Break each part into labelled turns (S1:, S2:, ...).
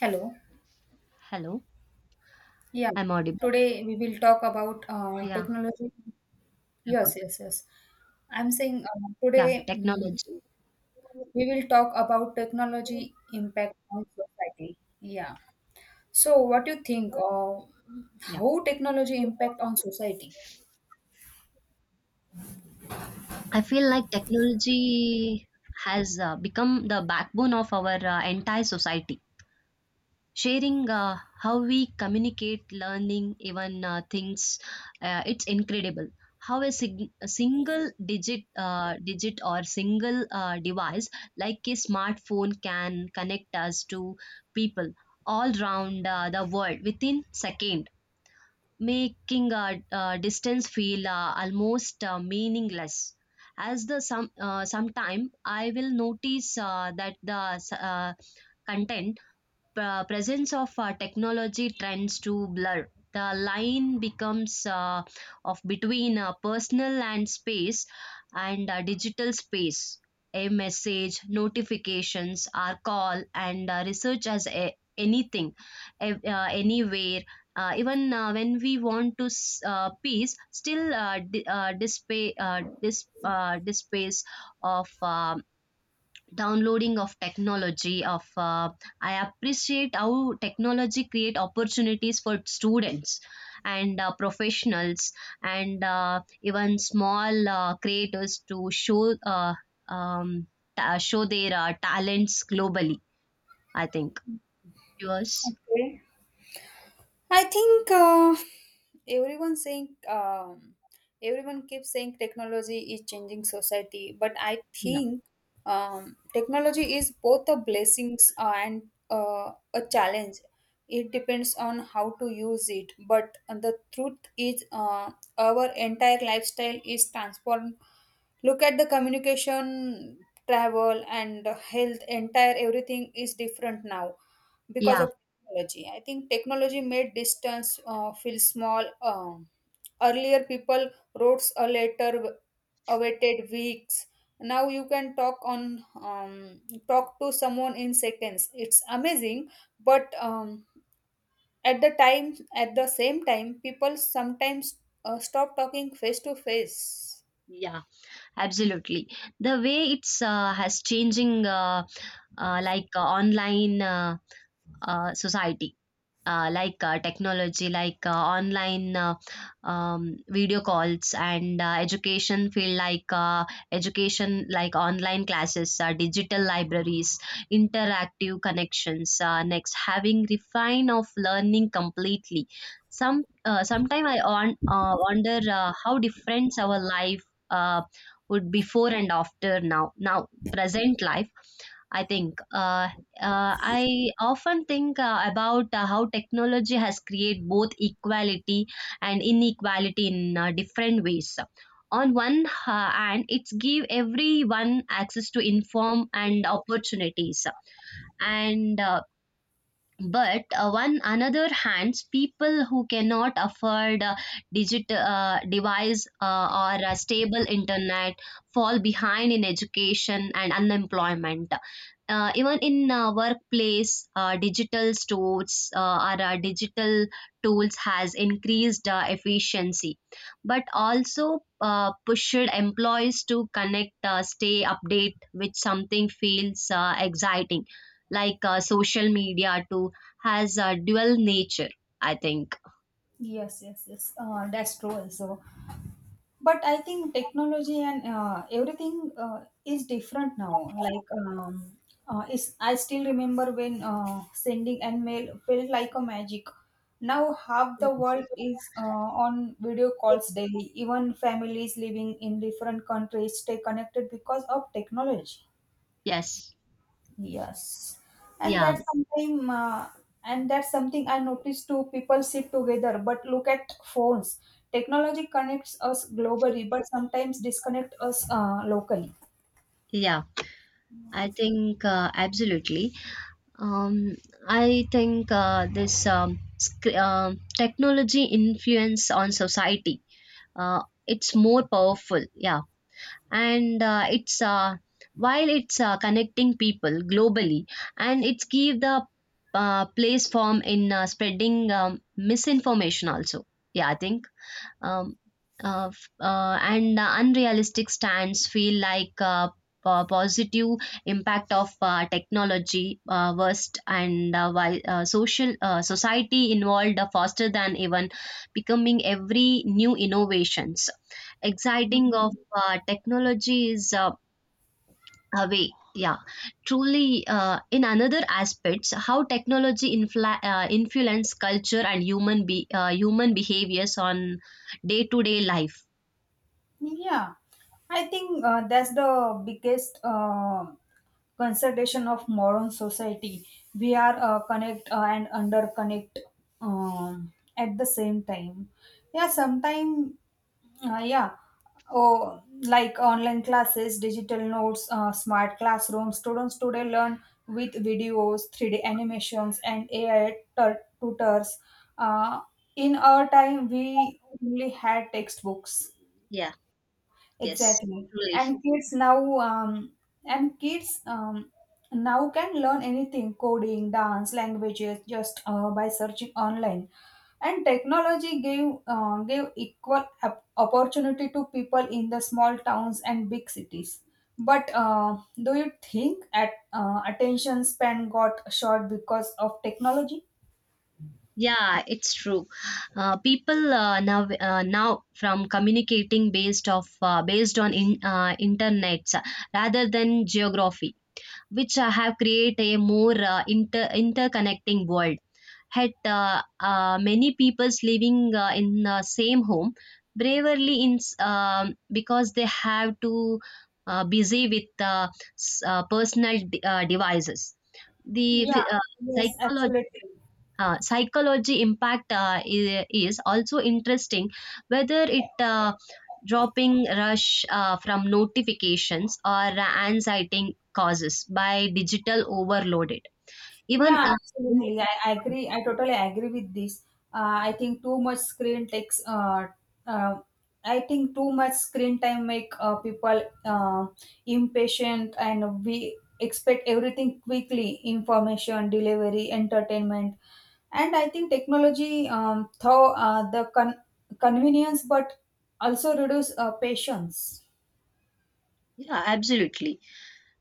S1: Hello.
S2: Hello,
S1: Yeah,
S2: I'm audible.
S1: today we will talk about
S2: Yeah,
S1: technology. Yes,
S2: welcome.
S1: yes, yes. I'm saying
S2: Yeah,
S1: today
S2: Technology.
S1: we will talk about technology impact on society. Yeah. So, what do you think?
S2: Yeah,
S1: How technology impact on society?
S2: I feel like technology has become the backbone of our entire society. Sharing how we communicate, learning, even things, it's incredible. How a single digit or single device like a smartphone can connect us to people all around the world within seconds, making distance feel almost meaningless. As the some Sometime I will notice that the content, presence of technology tends to blur the line becomes of between personal and space and digital space, a message notifications our call and research anything anywhere, even when we want to peace still dispace of downloading of technology of I appreciate how technology create opportunities for students and professionals and even small creators to show um, show their talents globally, I think. Yours?
S1: Okay. I think everyone saying um, everyone keeps saying technology is changing society, but I
S2: Yeah,
S1: think technology is both a blessings and a challenge. It depends on how to use it, but the truth is, our entire lifestyle is transformed. Look at the communication, travel, and health. Entire everything is different now because
S2: yeah,
S1: of technology. I think technology made distance feel small. Earlier, people wrote a letter, awaited weeks. Now you can talk to someone in seconds. It's amazing, but at the same time, people sometimes stop talking face to face.
S2: yeah, absolutely. The way it's has changing like online, society, like technology, like online, video calls and education field, like education, like online classes, digital libraries, interactive connections. Next, having refine of learning completely. Sometime I wonder how different our life uh, would before and after now. Now present life, I think. I often think about how technology has created both equality and inequality in different ways. On one hand, it's give everyone access to inform and opportunities, and but one another hands people who cannot afford a digital device or a stable internet fall behind in education and unemployment, even in workplace digital stores or digital tools has increased efficiency, but also pushed employees to connect stay update with something feels exciting, like social media to has a dual nature, I think.
S1: Yes, yes, yes. That's true also. But I think technology and everything is different now. Like, is I still remember when sending an mail felt like a magic. Now half the world is on video calls daily. Even families living in different countries stay connected because of technology.
S2: Yes.
S1: Yes, and
S2: Yeah.
S1: and that's something I noticed too. People sit together, but look at phones. Technology connects us globally, but sometimes disconnect us locally.
S2: Yeah. I think absolutely. Um, I think this technology influence on society. It's more powerful. Yeah, and it's while it's connecting people globally, and it's give the place form in spreading misinformation also. Yeah, I think. um, and the unrealistic stands feel like positive impact of technology worst, and while social society involved faster than even becoming every new innovations exciting of technology is away. Yeah, truly, in another aspects how technology influence culture and human behaviors on day to day life.
S1: Yeah, I think that's the biggest consideration of modern society. We are connect and under connect at the same time. Yeah, sometimes, yeah, oh, like online classes, digital notes, smart classrooms. Students today learn with videos, 3D animations, and AI tutors. Uh, in our time, we only had textbooks.
S2: Yeah, yes,
S1: Exactly.
S2: truly.
S1: And kids now can learn anything, coding, dance, languages, just by searching online. And technology gave equal opportunity to people in the small towns and big cities. But do you think at attention span got short because of technology?
S2: Yeah, it's true. People now from communicating based on internet rather than geography, which have create a more interconnecting world. Yet many people's living in same home bravely because they have to busy with personal devices. The phy-
S1: Yeah.
S2: uh,
S1: Yes,
S2: psychology,
S1: absolutely.
S2: psychology impact is also interesting, whether it dropping rush from notifications or anxiety causes by digital overloaded, even
S1: Yeah,
S2: in-
S1: absolutely. I agree. I totally agree with this. I think too much screen takes. Uh, I think too much screen time make people impatient, and we expect everything quickly: information, delivery, entertainment, and I think technology though the convenience, but also reduce patience.
S2: Yeah, absolutely.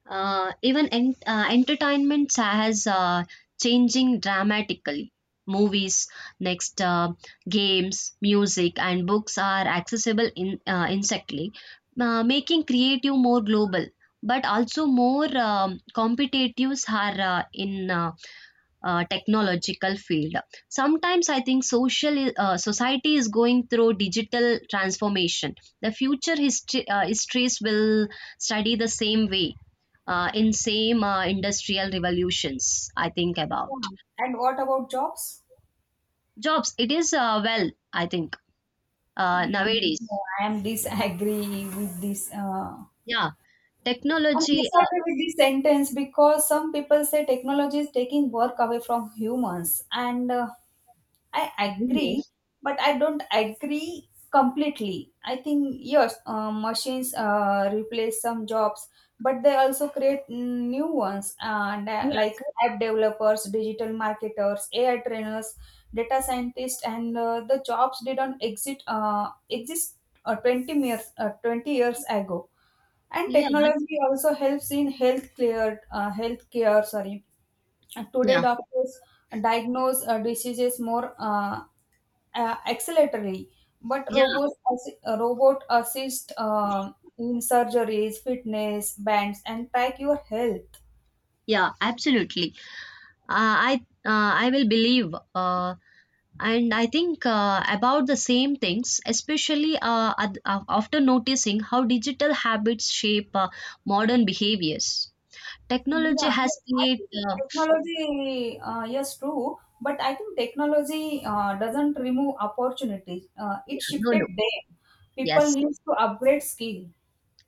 S2: Entertainment has changing dramatically. Movies, next games, music and books are accessible in instantly, making creative more global, but also more competitives are in technological field. Sometimes I think society is going through digital transformation. The future history histories will study the same way, in same industrial revolutions, I think about.
S1: Yeah. And what about jobs?
S2: Jobs, it is well, I think
S1: Mm,
S2: nowadays.
S1: no, I am disagree with this.
S2: Yeah,
S1: I
S2: technology,
S1: disagree with this sentence because some people say technology is taking work away from humans, and I agree,
S2: business.
S1: but I don't agree completely. I think yes, machines replace some jobs, but they also create new ones, and
S2: Yeah,
S1: like app developers, digital marketers, AI trainers, data scientists, and the jobs didn't exist 20 years ago. And
S2: yeah,
S1: technology also helps in health care, sorry. And today,
S2: yeah,
S1: doctors diagnose diseases more acceleratorily, but
S2: yeah,
S1: robot assist in surgeries, fitness bands, and track your health.
S2: yeah, absolutely. uh, i I will believe and I think about the same things, especially after noticing how digital habits shape modern behaviors. Technology
S1: Yeah,
S2: has
S1: I think
S2: created
S1: technology, yes, true, but I think technology doesn't remove opportunities.
S2: yeah,
S1: It
S2: no
S1: shifted
S2: no,
S1: them. People
S2: yes.
S1: need to upgrade skill.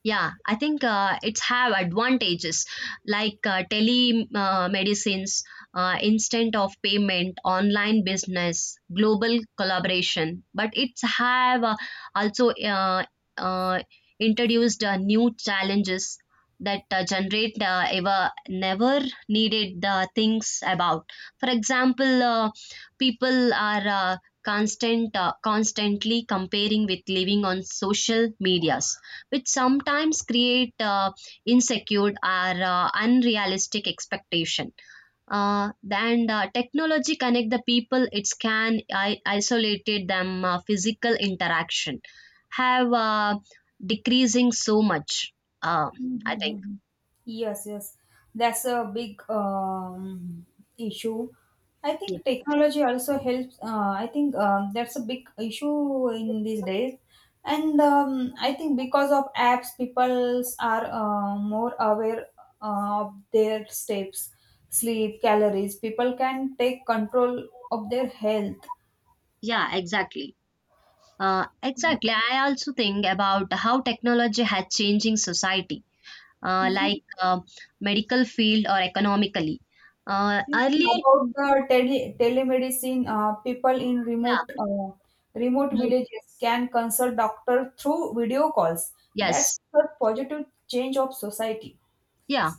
S2: Yeah, I think it's have advantages like tele medicines, instant of payment, online business, global collaboration. But it's have also uh, introduced new challenges that generate ever never needed things about. For example, people are constantly comparing with living on social medias, which sometimes create insecure or unrealistic expectation. And technology connect the people. It can isolated them, physical interaction have decreasing so much. Uh, I think.
S1: Mhm. Yes, yes. That's a big issue. I think technology also helps. I think that's a big issue in these days. And I think because of apps, people are more aware of their steps, sleep, calories. People can take control of their health.
S2: Yeah, exactly. Exactly. I also think about how technology has changing society, like medical field or economically.
S1: Yeah,
S2: Earlier,
S1: about the telemedicine, people in
S2: yeah,
S1: remote villages can consult doctor through video calls. That's
S2: yes.
S1: a positive change of society.
S2: Yeah.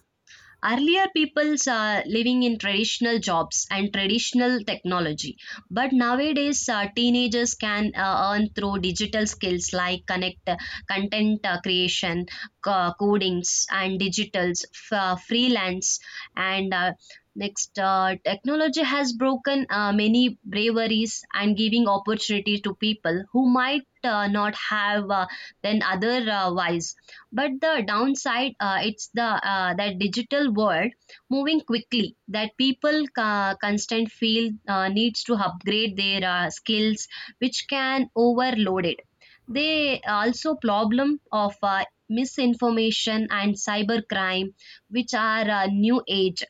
S2: Earlier, people's are living in traditional jobs and traditional technology. But nowadays, teenagers can earn through digital skills, like content creation, codings, and digitals, freelance. And next, technology has broken many braveries and giving opportunity to people who might not have then otherwise. But the downside, it's the that digital world moving quickly that people constant feel needs to upgrade their skills, which can overload it. They also problem of misinformation and cybercrime, which are new age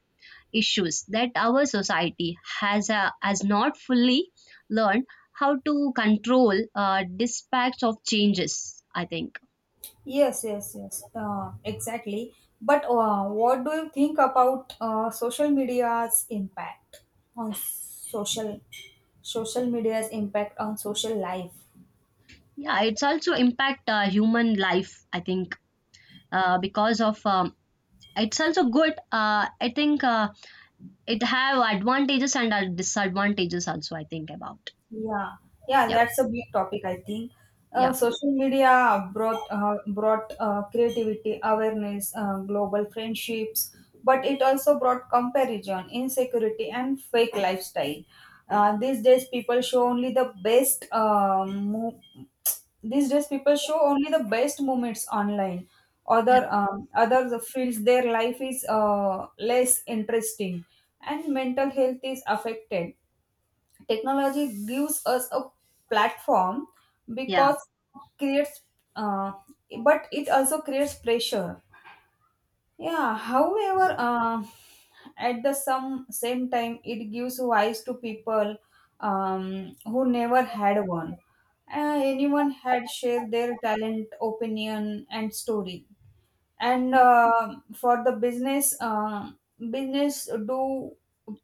S2: issues that our society has not fully learned how to control dispatch of changes, I think.
S1: Yes, yes, yes, exactly. But what do you think about on social social media's impact on social life?
S2: Yeah, it's also impact human life. I think because of it's also good. I think it have advantages and disadvantages also. I think about,
S1: Yeah, yeah,
S2: yeah,
S1: that's a big topic, I think.
S2: yeah,
S1: Social media brought creativity, awareness, global friendships, but it also brought comparison, insecurity, and fake lifestyle. These days, people show only the best. Mo- These days, people show only the best moments online.
S2: yeah,
S1: Others feels their life is less interesting, and mental health is affected. Technology gives us a platform
S2: yeah,
S1: because creates uh, but it also creates pressure. Yeah, however at the some same time, it gives voice to people who never had one. Anyone had shared their talent opinion and story. And for the business business do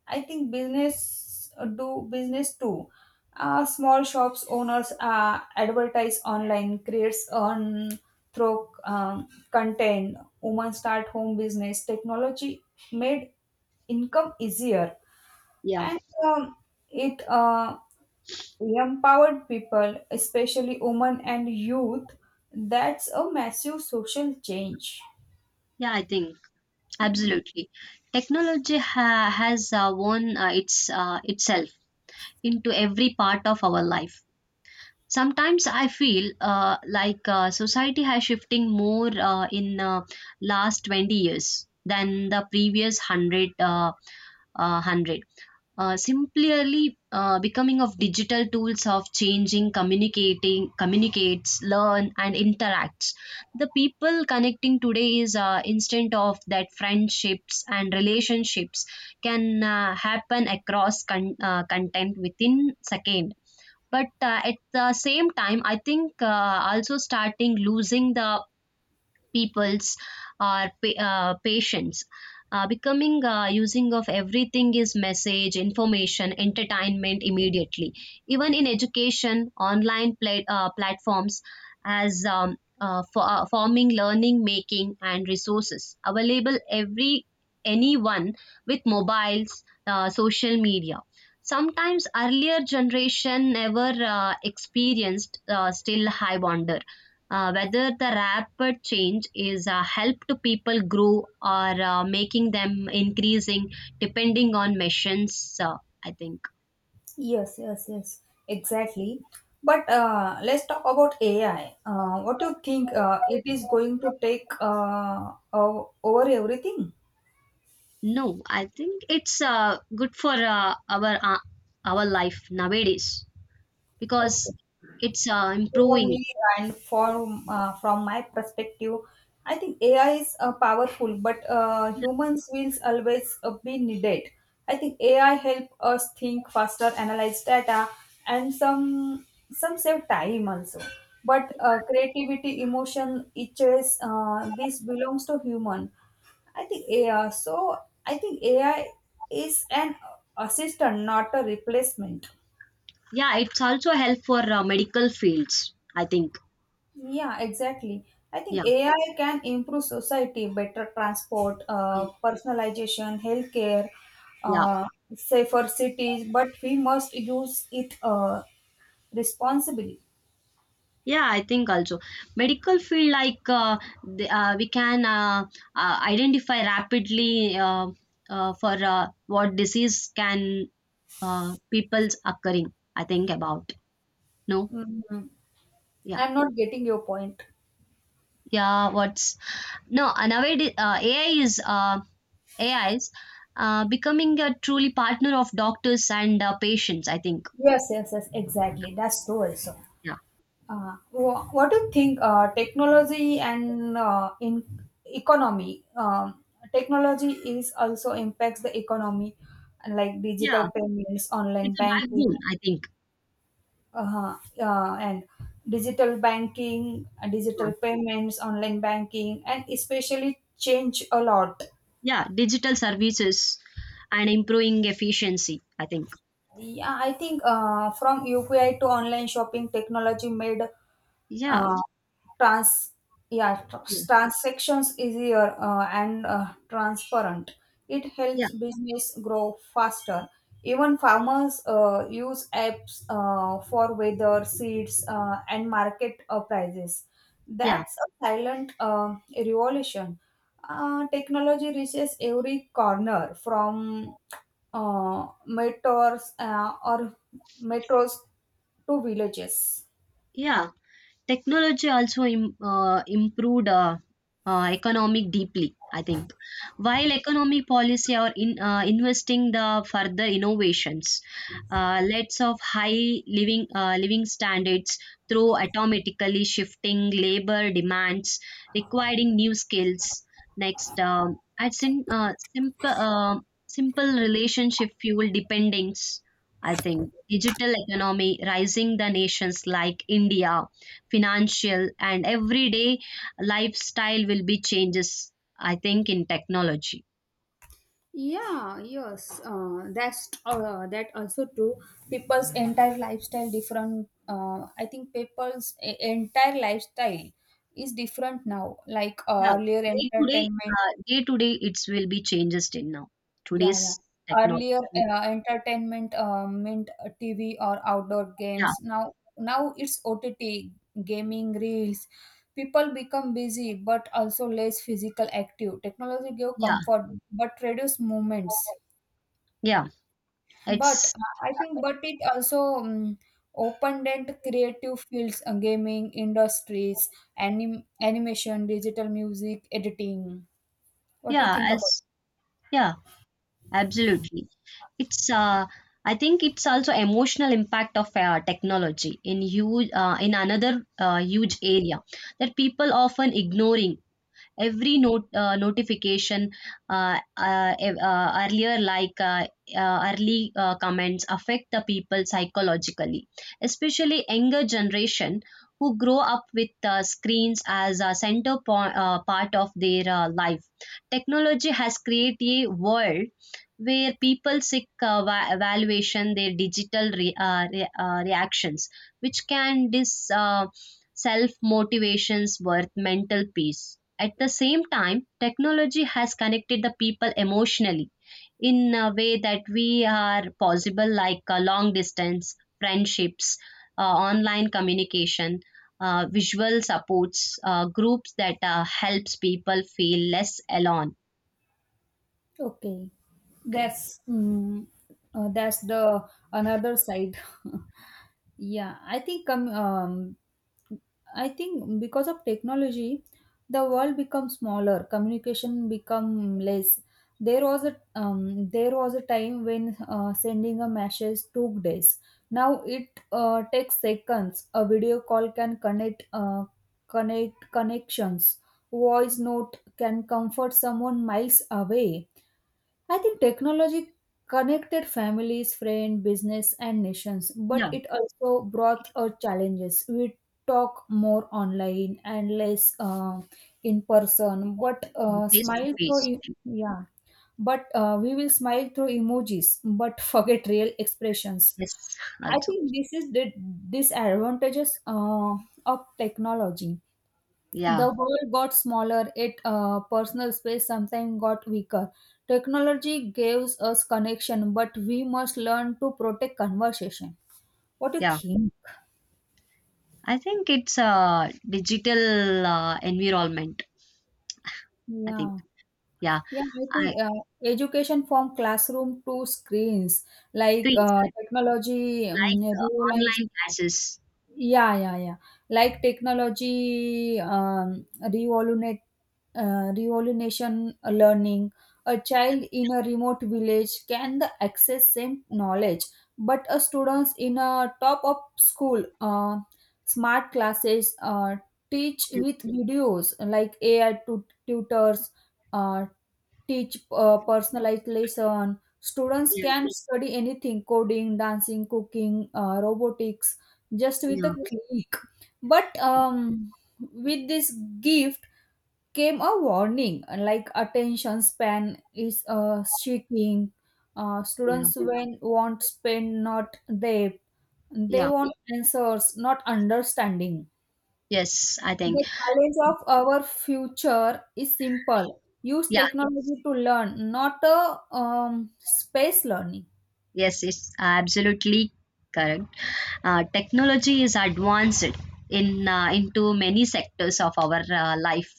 S1: I think business do business too. Small shops owners advertise online creates on through content. Women start home business. Technology made income easier,
S2: yeah,
S1: and it empowered people, especially women and youth. That's a massive social change.
S2: yeah. I think absolutely. Technology has won its itself into every part of our life. Sometimes I feel like society has shifting more in last 20 years than the previous 100. Simply becoming of digital tools of changing, communicating, communicates, learn, and interacts. The people connecting today is instant of that friendships and relationships can happen across content within second. But at the same time, I think also starting losing the people's or patients, becoming using of everything is message, information, entertainment immediately, even in education online platforms, forming learning making and resources available every anyone with mobiles, social media. Sometimes earlier generation never experienced still high wonder whether the rapid change is help to people grow or making them increasing depending on missions, uh, I think.
S1: Yes, yes, yes, exactly. But let's talk about AI. What do you think it is going to take over everything?
S2: No, I think it's good for our life nowadays, because
S1: Okay.
S2: it's
S1: For
S2: improving.
S1: me and for from my perspective, I think AI is powerful, but humans will always be needed. I think AI help us think faster, analyze data, and some save time also, but creativity, emotion, itches this belongs to human. I think AI. So I think AI is an assistant, not a replacement.
S2: Yeah, it's also help for medical fields, I think.
S1: Yeah, exactly. I
S2: Yeah,
S1: think AI can improve society, better transport,
S2: uh,
S1: personalization, healthcare,
S2: yeah.
S1: uh, safer cities, but we must use it responsibly.
S2: Yeah, I think also medical field like we can identify rapidly, for what disease can people's occurring. I think about, no,
S1: Mhm.
S2: yeah,
S1: I'm not getting your point.
S2: yeah. What's, no, nowadays AI is A I is becoming a truly partner of doctors and patients, I think.
S1: Yes, yes, yes, exactly. That's true also.
S2: Yeah,
S1: What do you think technology and in economy? Technology is also impacts the economy, and like digital
S2: yeah.
S1: payments, online
S2: It's a backbone,
S1: banking,
S2: I think.
S1: uh, and
S2: Yeah,
S1: digital payments, online banking, and especially change a lot.
S2: yeah. Digital services and improving efficiency, I think.
S1: Yeah, I think from UPI to online shopping, technology made
S2: Yeah,
S1: uh, trans
S2: yes.
S1: transactions easier and transparent. It
S2: Yeah.
S1: helps business grow faster. Even farmers use apps for weather, seeds, and market prices.
S2: Yeah.
S1: That's a silent revolution. Technology reaches every corner, from uh, metros uh, or metros to villages.
S2: Yeah. Technology also improved economic deeply, I think. While economic policy are in investing the further innovations, let of high living standards through automatically shifting labor demands, requiring new skills. Next, at sim- simple simple relationship fuel dependence. I think digital economy rising the nations like India, financial and everyday lifestyle will be changes, I think in technology.
S1: Yeah, yes, that also true. People's entire lifestyle different. I think people's entire lifestyle is different now. Like
S2: Yeah, day to day, day to day it will be changes in now
S1: yeah,
S2: today's
S1: yeah. Earlier
S2: technology.
S1: entertainment meant TV or outdoor
S2: Yeah,
S1: games. Now, it's OTT, gaming, reels. People become busy, but also less physical active. Technology give
S2: yeah,
S1: comfort, but reduce movements.
S2: yeah,
S1: But
S2: it's,
S1: I think, but it also opened and creative fields, gaming industries, animation, digital music, editing. What do you
S2: yeah.
S1: think
S2: As,
S1: about
S2: yeah, absolutely. It's I think it's also emotional impact of technology in huge, in another huge area that people often ignoring every note notification, earlier, like early comments affect the people psychologically, especially younger generation who grow up with screens as a center part of their life. Technology has created a world where people seek evaluation their digital reactions, which can dis self motivations worth mental peace. At the same time, technology has connected the people emotionally in a way that we are possible, like long distance friendships, online communication, visual supports groups that helps people feel less alone.
S1: it? Okay,
S2: Okay.
S1: that's mm, that's the another side. Yeah, I think because of technology, the world becomes smaller. Communication become less. There was a time when sending a message took days. Now it takes seconds. A video call can connections. Voice note can comfort someone miles away. I think technology connected families, friends, business, and nations, but
S2: Yeah,
S1: it also brought challenges. We talk more online and less in person, but
S2: face to face.
S1: yeah, but we will smile through emojis, but forget real expressions.
S2: Yes,
S1: I
S2: also.
S1: think this is the disadvantages of technology.
S2: Yeah,
S1: The world got smaller, it personal space sometimes got weaker. Technology gives us connection, but we must learn to protect conversation. What do you
S2: yeah.
S1: think?
S2: I think it's a digital environment, I think.
S1: Yeah,
S2: Yeah.
S1: yeah, I
S2: I,
S1: think education from classroom to screens, like
S2: screens,
S1: technology
S2: like
S1: revolutionized.
S2: online classes.
S1: Yeah, yeah, yeah. Like technology, revolution learning. A child in a remote village can the access same knowledge, but a students in a top of school, smart classes, teach
S2: Yeah,
S1: with videos like AI tutors, uh, teach personalized lesson. Students
S2: yeah,
S1: can study anything, coding, dancing, cooking, robotics, just with a
S2: yeah,
S1: click. But with this gift came a warning, like attention span is shrinking.
S2: yeah.
S1: Students when want spend not depth. They
S2: Yeah.
S1: want answers, not understanding.
S2: Yes, I think.
S1: The challenge of our future is simple. Use
S2: Yeah,
S1: technology to learn, not a space learning.
S2: yes, it's absolutely correct. Technology is advanced in into many sectors of our life.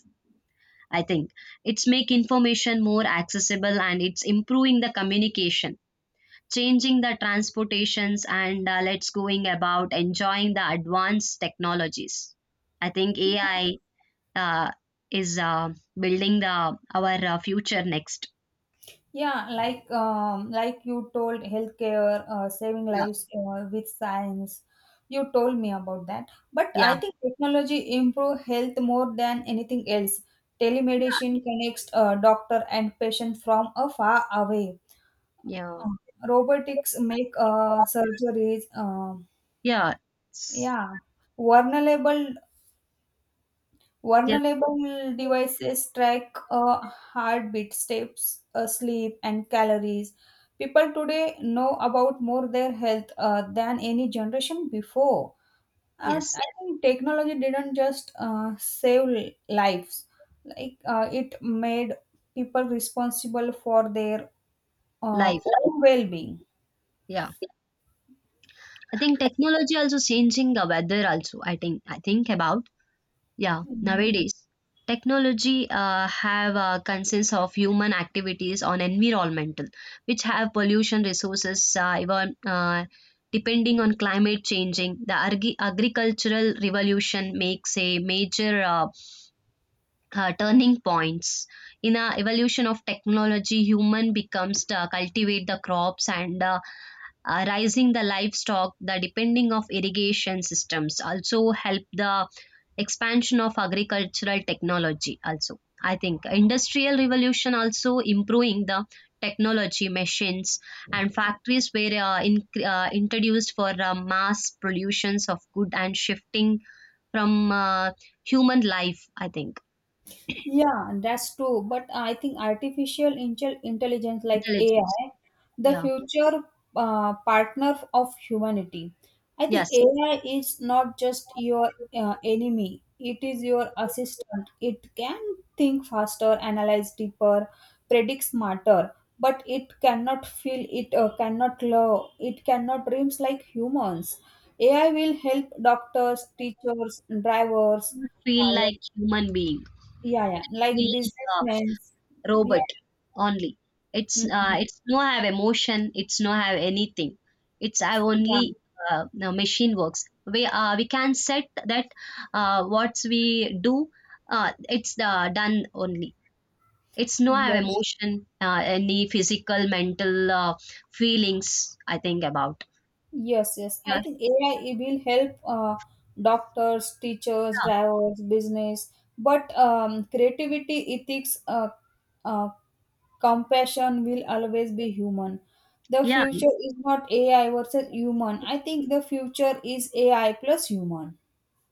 S2: I think it's make information more accessible, and it's improving the communication, changing the transportations, and let's going about enjoying the advanced technologies. I think AI uh, is building the our future next.
S1: Yeah, like you told healthcare, saving
S2: Yeah,
S1: lives with science. You told me about that. But
S2: yeah,
S1: I think technology improve health more than anything else. Telemedicine connects doctor and patient from a far away.
S2: yeah,
S1: Robotics make surgeries
S2: yeah, it's,
S1: Yeah, vulnerable
S2: yeah,
S1: vulnerable devices track heartbeat, steps, sleep, and calories. People today know about more their health than any generation before. And
S2: yes,
S1: I think technology didn't just save lives; like it made people responsible for their
S2: life,
S1: own well-being.
S2: yeah. I think technology also changing the weather also, I think, I think about. Yeah,
S1: Mm.
S2: nowadays technology have a consensus of human activities on environmental, which have pollution resources, even depending on climate changing. The agricultural revolution makes a major turning points in a evolution of technology. Human becomes to cultivate the crops and rising the livestock. The depending of irrigation systems also help the expansion of agricultural technology also, I think. Industrial revolution also improving the technology machines and factories were introduced for mass productions of good, and shifting from human life, I think.
S1: Yeah, that's true. But I think artificial intelligence like
S2: Intelligence,
S1: AI, the
S2: yeah,
S1: future partner of humanity. I think
S2: yes,
S1: AI is not just your enemy, it is your assistant. It can think faster, analyze deeper, predict smarter, but it cannot feel, it cannot love, it cannot dreams like humans. AI will help doctors, teachers, drivers,
S2: feel like human being,
S1: yeah, yeah. Like
S2: feel like,
S1: businessmen. Yeah.
S2: robot only.
S1: Mhm.
S2: It's no have emotion. It's no have anything. It's have
S1: Yeah.
S2: only no, machine works. We can set that what we do. It's the done only. It's no have
S1: Yes.
S2: emotion, any physical, mental feelings. I think about,
S1: Yes, yes.
S2: yeah,
S1: I think AI it will help doctors, teachers, drivers, business, but creativity, ethics, uh, compassion will always be human. The
S2: yeah, yeah,
S1: future is not AI versus human. I think the future is AI plus human.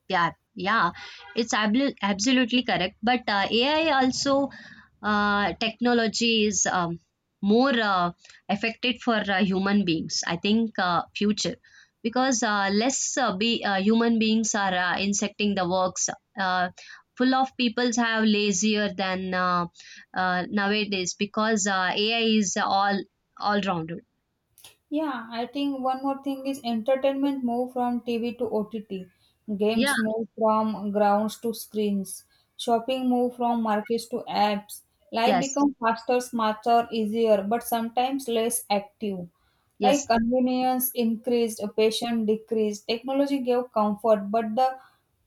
S2: yeah. Yeah. It's absolutely correct. But AI also, technology is more affected for human beings, I think future, because less be human beings are insecting the works, uh, full of peoples have lazier than nowadays, because AI is all rounded.
S1: Yeah, I think one more thing is entertainment move from TV to OTT.
S2: Yeah,
S1: Games move from grounds to screens. Shopping move from markets to apps. Life
S2: yes,
S1: becomes faster, smarter, easier, but sometimes less active. Like
S2: yes,
S1: convenience increased, passion decreased. Technology gave comfort, but the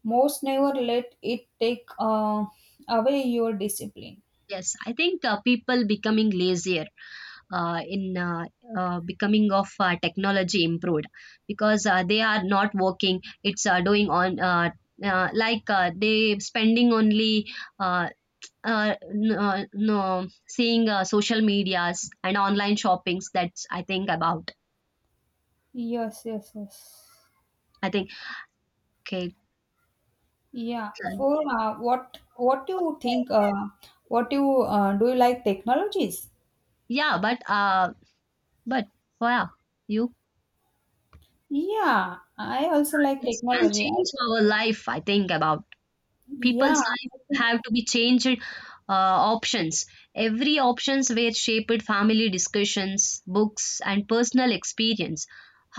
S1: most never let it take away your discipline.
S2: yes, I think people becoming lazier in becoming of technology improved, because they are not working, it's doing on like they spending only uh, no seeing social medias and online shoppings, that's I think about.
S1: Yes, yes, yes.
S2: I think, okay.
S1: Yeah.
S2: uh,
S1: For what do you think? What do you like technologies?
S2: yeah, but but yeah, you,
S1: Yeah, I also like
S2: it can
S1: technology. I
S2: change
S1: think,
S2: our life, I think about.
S1: yeah,
S2: People's life
S1: I think-
S2: have to be changed options, every options were shaped family discussions, books and personal experience,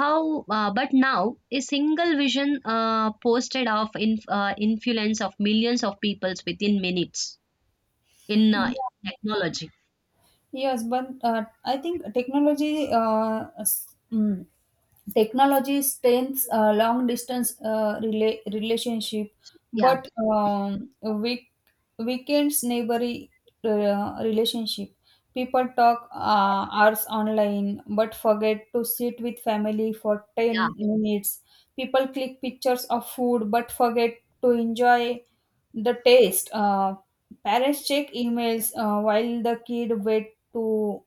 S2: how but now a single vision posted of influence of millions of peoples within minutes in
S1: yeah.
S2: technology.
S1: Yes, but I think technology strengthens long distance relationship,
S2: Yeah,
S1: but weak weekends neighboring relationship. People talk hours online, but forget to sit with family for
S2: yeah.
S1: 10 minutes. People click pictures of food, but forget to enjoy the taste. Parents check emails while the kid wait to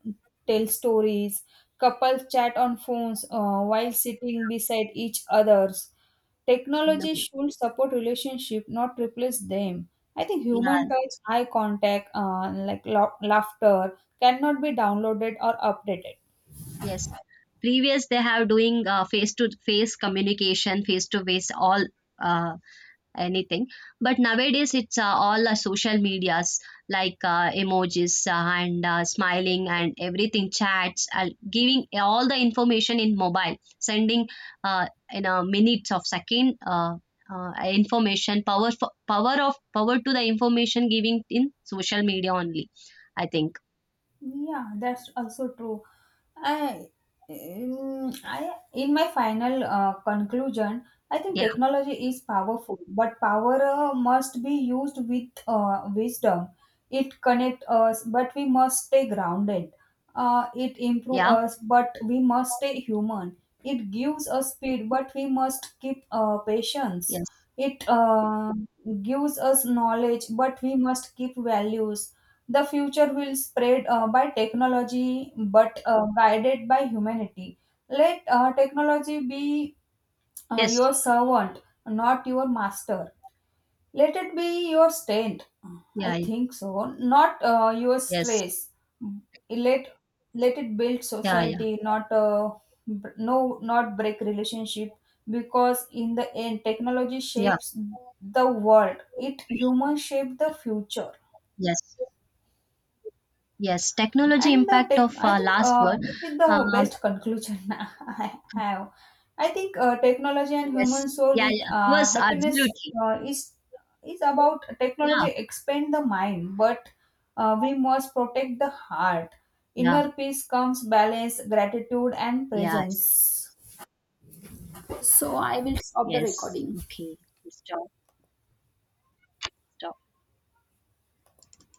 S1: tell stories. Couples chat on phones while sitting beside each others.
S2: No,
S1: Technology should support relationship, not replace them. I think
S2: yeah,
S1: human touch, eye contact, like la laughter cannot be downloaded or updated.
S2: yes. Previous, they have doing face to face communication, face to face all. Uh, anything, but nowadays it's all social medias, like emojis, and smiling and everything chats, giving all the information in mobile sending in a minutes of second, information power power of power to the information giving in social media only, I think.
S1: Yeah, that's also true. I, I, in my final conclusion, I think
S2: Yeah,
S1: technology is powerful, but power must be used with wisdom. It connect us, but we must stay grounded. It improve
S2: yeah,
S1: us, but we must stay human. It gives us speed, but we must keep patience.
S2: yes,
S1: It gives us knowledge, but we must keep values. The future will spread by technology, but guided by humanity. Let technology be
S2: yes,
S1: your servant, not your master. Let it be your strength. I
S2: yeah,
S1: think so. Not your
S2: yes,
S1: stress. Let Let it build
S2: yeah, yeah,
S1: society, not no, not break relationship. Because in the end, technology
S2: yeah,
S1: shapes the world. It humans shape the future.
S2: yes, yes, technology
S1: And
S2: impact of
S1: I think
S2: last word.
S1: this is
S2: Um,
S1: the best conclusion I have. I think technology and
S2: Yes.
S1: human soul
S2: Yeah,
S1: is
S2: yeah. Yes,
S1: happiness
S2: absolutely.
S1: uh, is is about technology
S2: Yeah,
S1: expand the mind, but we must protect the heart.
S2: yeah,
S1: Inner peace comes balance, gratitude, and
S2: yes,
S1: presence. So I will stop the
S2: yes.
S1: recording.
S2: Okay. Stop, stop.